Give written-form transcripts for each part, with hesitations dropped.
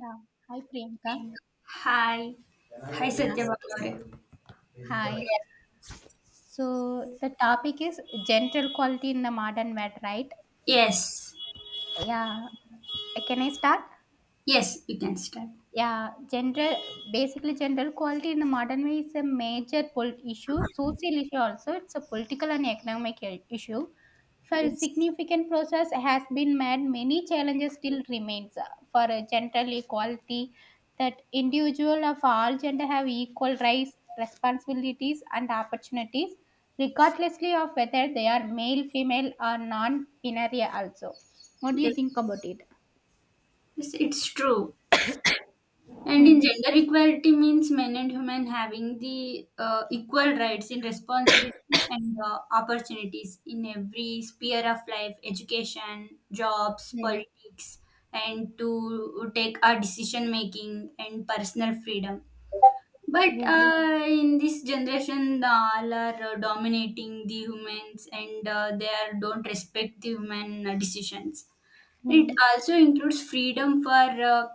Yeah. Hi, Priyanka. Pink. Hi. Hi, Hi. Satyavakare. Hi. So the topic is gender quality in the modern world, right? Yes. Yeah. Can I start? Yes, we can start. Yeah, gender, basically gender equality in the modern way is a major polit- issue, social issue also. It's a political and economic I- issue. For Yes. significant process has been made, many challenges still remains for a gender equality that individual of all gender have equal rights, responsibilities and opportunities, regardlessly of whether they are male, female or non-binary also. What do you Yes. think about it? Yes, it's true. And Hmm. in gender equality means men and women having the equal rights in responsibility and opportunities in every sphere of life, education, jobs, Hmm. politics, and to take our decision making and personal freedom. But Yes. uh, in this generation, the all are dominating the humans and they are, don't respect the human decisions. Hmm. It also includes freedom for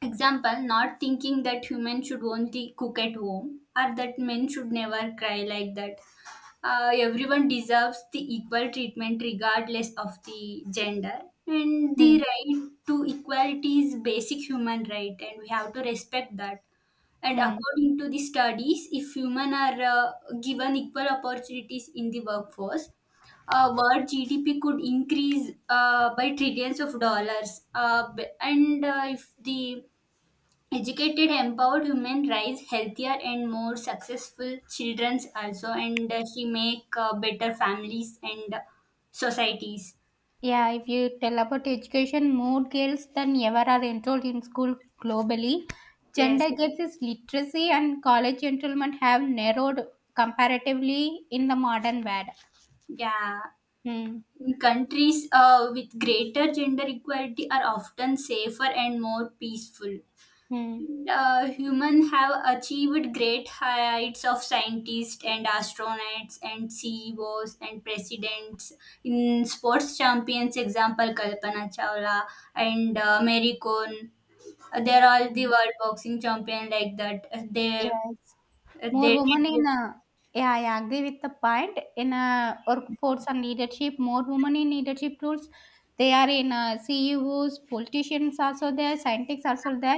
example, not thinking that humans should only cook at home or that men should never cry like that. Everyone deserves the equal treatment regardless of the gender. And the Hmm. right to equality is basic human right, and we have to respect that. And Hmm. according to the studies, if women are given equal opportunities in the workforce, world GDP could increase by trillions of dollars. And if the educated, empowered women raise healthier and more successful children also, and she make better families and societies. Yeah, if you tell about education, more girls than ever are enrolled in school globally. Yes, Gender gaps is literacy and college enrollment have narrowed comparatively in the modern world. yeah. Hmm. In countries with greater gender equality are often safer and more peaceful. Hmm. Humans have achieved great heights of scientists and astronauts and CEOs and presidents. In sports champions, example Kalpana Chawla and Mary Kon. They're all the Hmm. world boxing champion like that. Yes. uh, More they women did- in yeah, I agree with the point. In workforce and leadership, more women in leadership roles. They are in CEOs, politicians also there, scientists also there.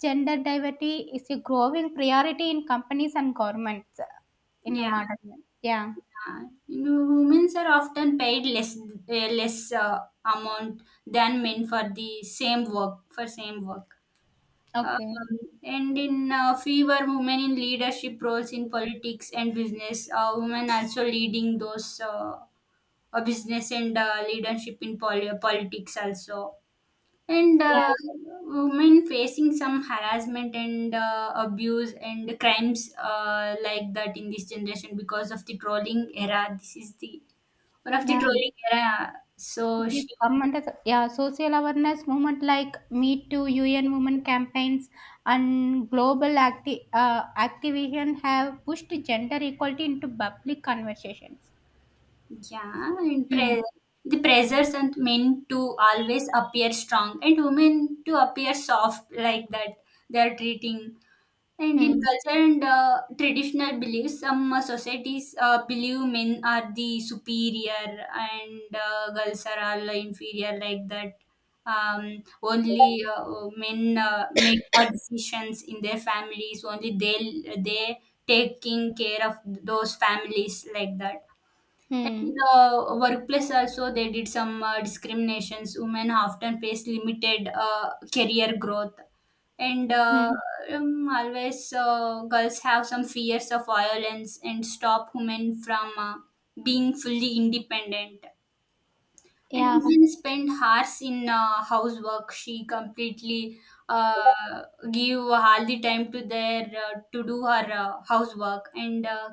Gender diversity is a growing priority in companies and governments in a yeah. modern. Yeah. Humans are often paid less amount than men for the same work for same work. Okay. Um, and in fewer women in leadership roles in politics and business, women also leading those business and leadership in politics also. And Yeah. Women facing some harassment and abuse and crimes like that in this generation because of the trolling era. This is the one of the Yeah. trolling era. So If you come she under the yeah, social awareness movement like Me Too, UN Women campaigns, and global acti- activism have pushed gender equality into public conversations. Yeah, and Hmm. pre- the pressures on men to always appear strong and women to appear soft like that they are treating. And in Hmm. culture and traditional beliefs, some societies believe men are the superior and girls are all inferior like that. Only men make hard decisions in their families. Only they taking care of those families like that, and in Hmm. the workplace also, they did some discriminations. Women often face limited career growth. And Hmm. Always, girls have some fears of violence and stop women from being fully independent. And Yeah. Hussein spent hours in housework. She completely uh, give all the time to their to do her housework and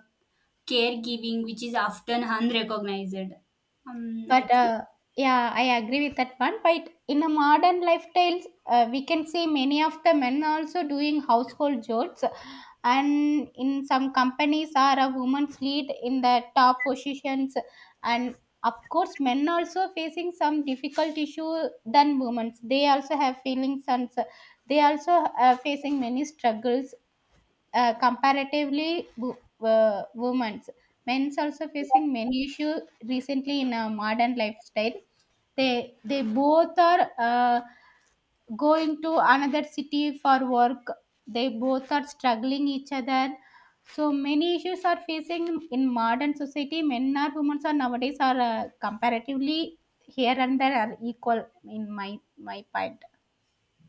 caregiving, which is often unrecognized. Um, I But think, yeah, I agree with that one. But in a modern lifestyles, we can see many of the men also doing household chores, and in some companies are a woman's lead in the top positions, and of course, men also facing some difficult issue than women's. They also have feelings and s- they also are facing many struggles comparatively, wo- women's men's also facing many issues recently in a modern lifestyle. They both are going to another city for work. They both are struggling each other. So many issues are facing in modern society. Men or women are nowadays are comparatively here and there are equal in my point.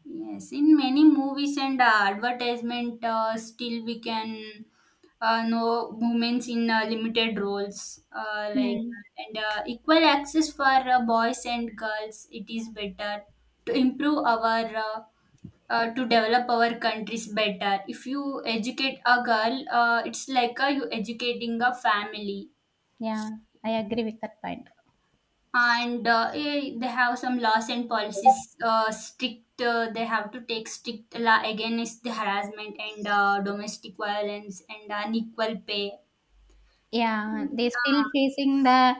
yes, in many movies and advertisement, still we can know women in limited roles, like Hmm. and equal access for boys and girls. It is better to improve our, to develop our countries better if you educate a girl, it's like you educating a family, Yeah, I agree with that point. and they have some laws and policies strict, they have to take strict law against the harassment and domestic violence and unequal pay. Yeah, they still Uh, facing the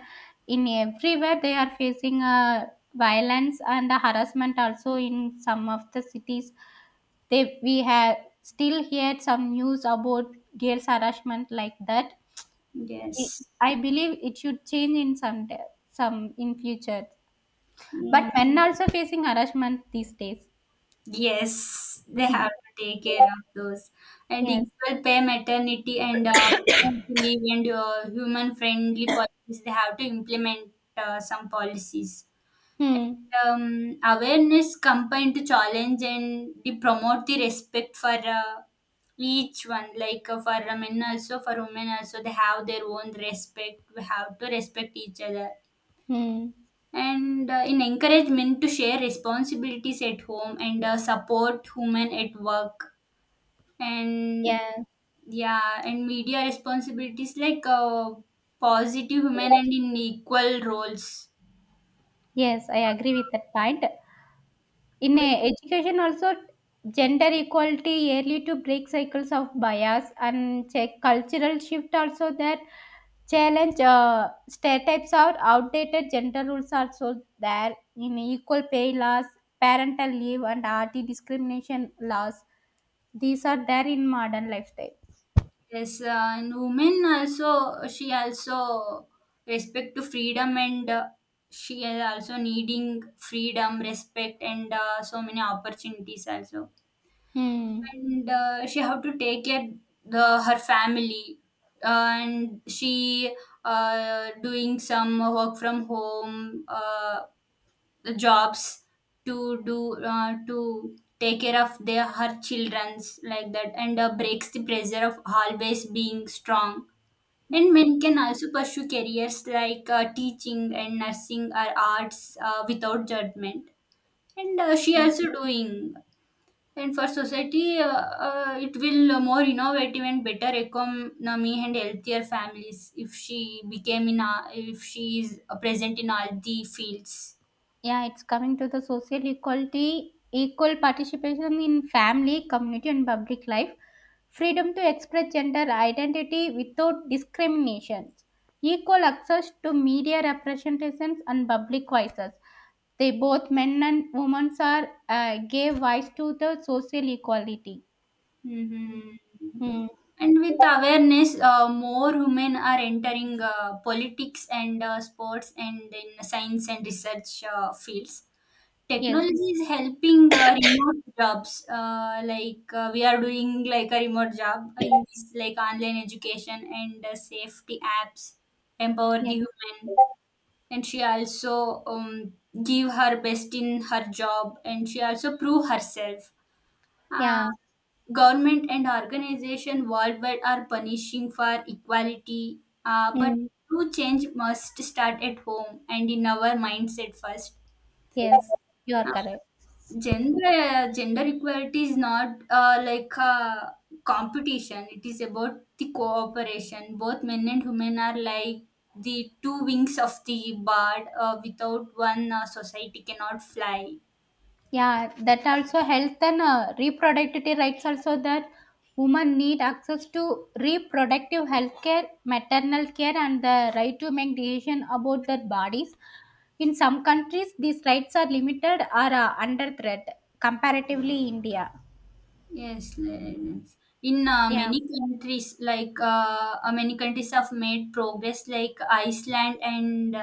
in everywhere they are facing violence and the harassment also in some of the cities. They we have still heard some news about girls harassment like that. I yes. I believe it should change in some da- some in future. But Mm, men also facing harassment these days. yes, they Hmm. have to take care of those, and Yes. equal pay maternity and paternity leave and human friendly policies they have to implement some policies. Hmm. Awareness combined to challenge and they promote the respect for uh, each one, like for men also, for women also, they have their own respect, we have to respect each other, Hmm. and in encourage men to share responsibilities at home and support women at work, and Yeah. yeah, and media responsibilities like positive women and in equal roles. Yes, I agree with that point. In education also, gender equality yearly to break cycles of bias and check cultural shift also that challenge stereotypes are outdated gender rules also there in equal pay laws, parental leave and RT discrimination laws. These are there in modern lifestyle. Yes. And women also, she also respect to freedom and she is also needing freedom, respect, and so many opportunities also. Hmm. And she have to take care the her family, and she doing some work from home, the jobs to do, to take care of their her childrens like that, and breaks the pressure of always being strong, and men can also pursue careers like teaching and nursing or arts without judgment. And she also doing. And for society, it will more innovative and better economy and healthier families if she became in a, if she is present in all the fields. Yeah, it's coming to the social equality, equal participation in family, community, and public life, freedom to express gender identity without discrimination, equal access to media representations and public voices. They both men and women are gave voice to the social equality. Hmm. Hmm. And with awareness, more women are entering politics and sports and in science and research fields. Yes. Technology is helping remote jobs. Like we are doing like a remote job in this, like online education and safety apps empower Yes. the woman. And she also give her best in her job, and she also prove herself. Yeah. Uh, Government and organization worldwide are punishing for equality, but Hmm. true change must start at home and in our mindset first. Yes. You are Uh, correct. gender equality is not like a competition. It is about the cooperation. Both men and women are like the two wings of the bird. Without one, society cannot fly. Yeah, that also health and reproductive rights also that women need access to reproductive health care, maternal care and the right to make decision about their bodies. In some countries, these rights are limited or under threat, comparatively India. Yes, yes. In Yeah. Many countries have made progress, like Iceland and uh,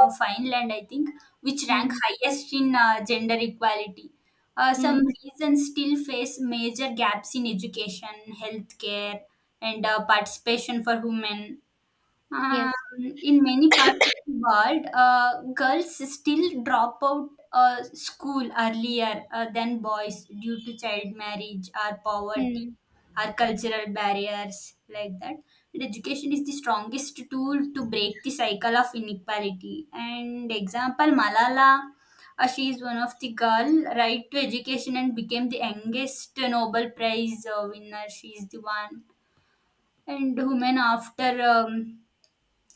uh, Finland, I think, which rank Hmm. highest in gender equality. Some Hmm. regions still face major gaps in education, healthcare, and participation for women. Um, Yes. in many parts of the world, girls still drop out school earlier than boys due to child marriage or poverty Hmm. or cultural barriers like that. And education is the strongest tool to break the cycle of inequality. And example, Malala, she is one of the girl right to education and became the youngest Nobel Prize winner. She is the one, and women after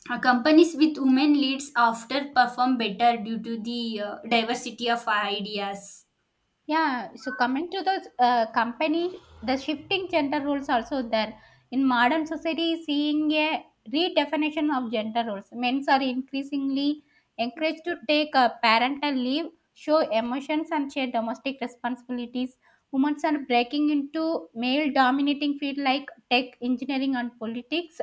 companies with women leads after perform better due to the diversity of ideas. Yeah, so coming to the company, the shifting gender roles also there. In modern society, seeing a redefinition of gender roles. Men are increasingly encouraged to take a parental leave, show emotions, and share domestic responsibilities. Women are breaking into male-dominating fields like tech, engineering, and politics.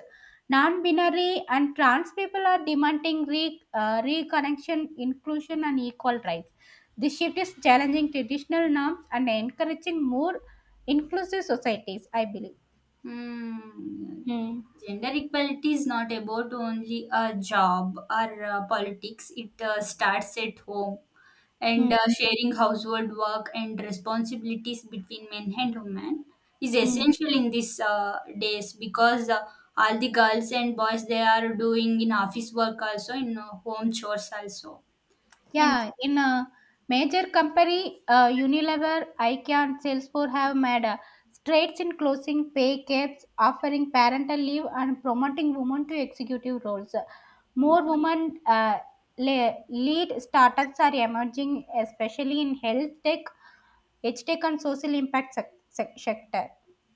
Non-binary and trans people are demanding re- reconnection, inclusion, and equal rights. This shift is challenging traditional norms and encouraging more inclusive societies, I believe. Hmm. Hmm. Gender equality is not about only a job or politics. It starts at home, and Hmm. sharing household work and responsibilities between men and women is Hmm. essential in these days, because all the girls and boys, they are doing in office work also, in home chores also. And Yeah, in a major company, Unilever, IKEA, and Salesforce have made strides in closing pay gaps, offering parental leave, and promoting women to executive roles. More women le- lead startups are emerging, especially in health tech, edge tech, and social impact sec- sec- sector.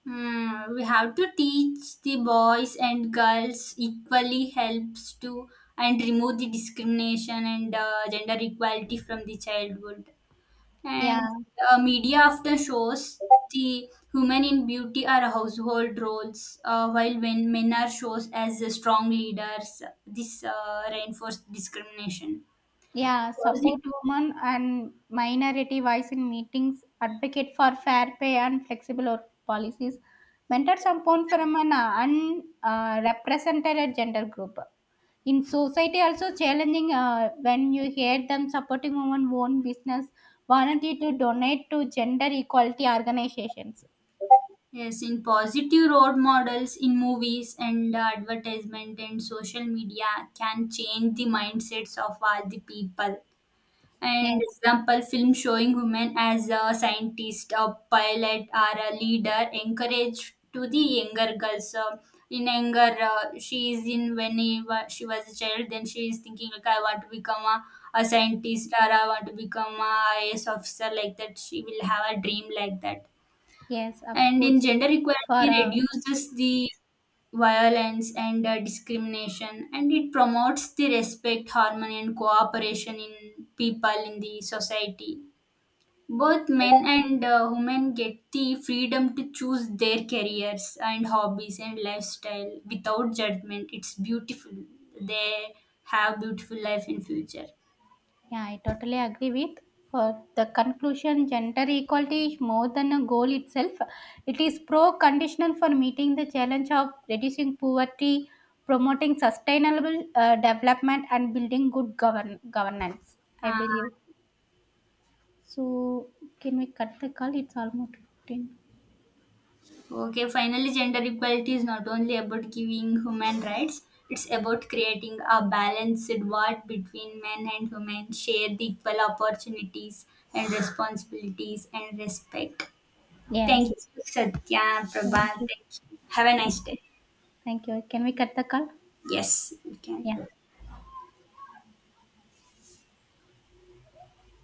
Hmm, we have to teach the boys and girls equally helps to and remove the discrimination and gender equality from the childhood. And Yeah. Media often shows the women in beauty are household roles, while when men are shown as the strong leaders. This reinforced discrimination. Yeah, Was support it women and minority voice in meetings, advocate for fair pay and flexible work policies, mentor someone from an unrepresented gender group. In society also challenging when you hear them supporting women own business, volunteer to donate to gender equality organizations. Yes, in positive role models in movies and advertisement and social media can change the mindsets of all the people. And Yes, example, film showing women as a scientist, a pilot, or a leader encourage to the younger girls. So in younger, she is in when she was a child, then she is thinking like I want to become a scientist, or I want to become a IS officer like that. She will have a dream like that, yes, of and in course. gender For equality reduces the violence and discrimination, and it promotes the respect, harmony and cooperation in people in the society. Both men and women get the freedom to choose their careers and hobbies and lifestyle without judgment. It's beautiful. They have beautiful life in future. Yeah, I totally agree with. For the conclusion, gender equality is more than a goal itself. It is pro-conditional for meeting the challenge of reducing poverty, promoting sustainable development, and building good govern- governance. I Uh, believe. So, can we cut the call? It's almost 15. Okay, finally, gender equality is not only about giving human rights, it's about creating a balanced world between men and women, share the equal opportunities and responsibilities and respect. Yes. Thank you, Satya, Prabha. Thank you. Thank you. Have a nice day. Thank you. Can we cut the call? Yes, we Yeah. can.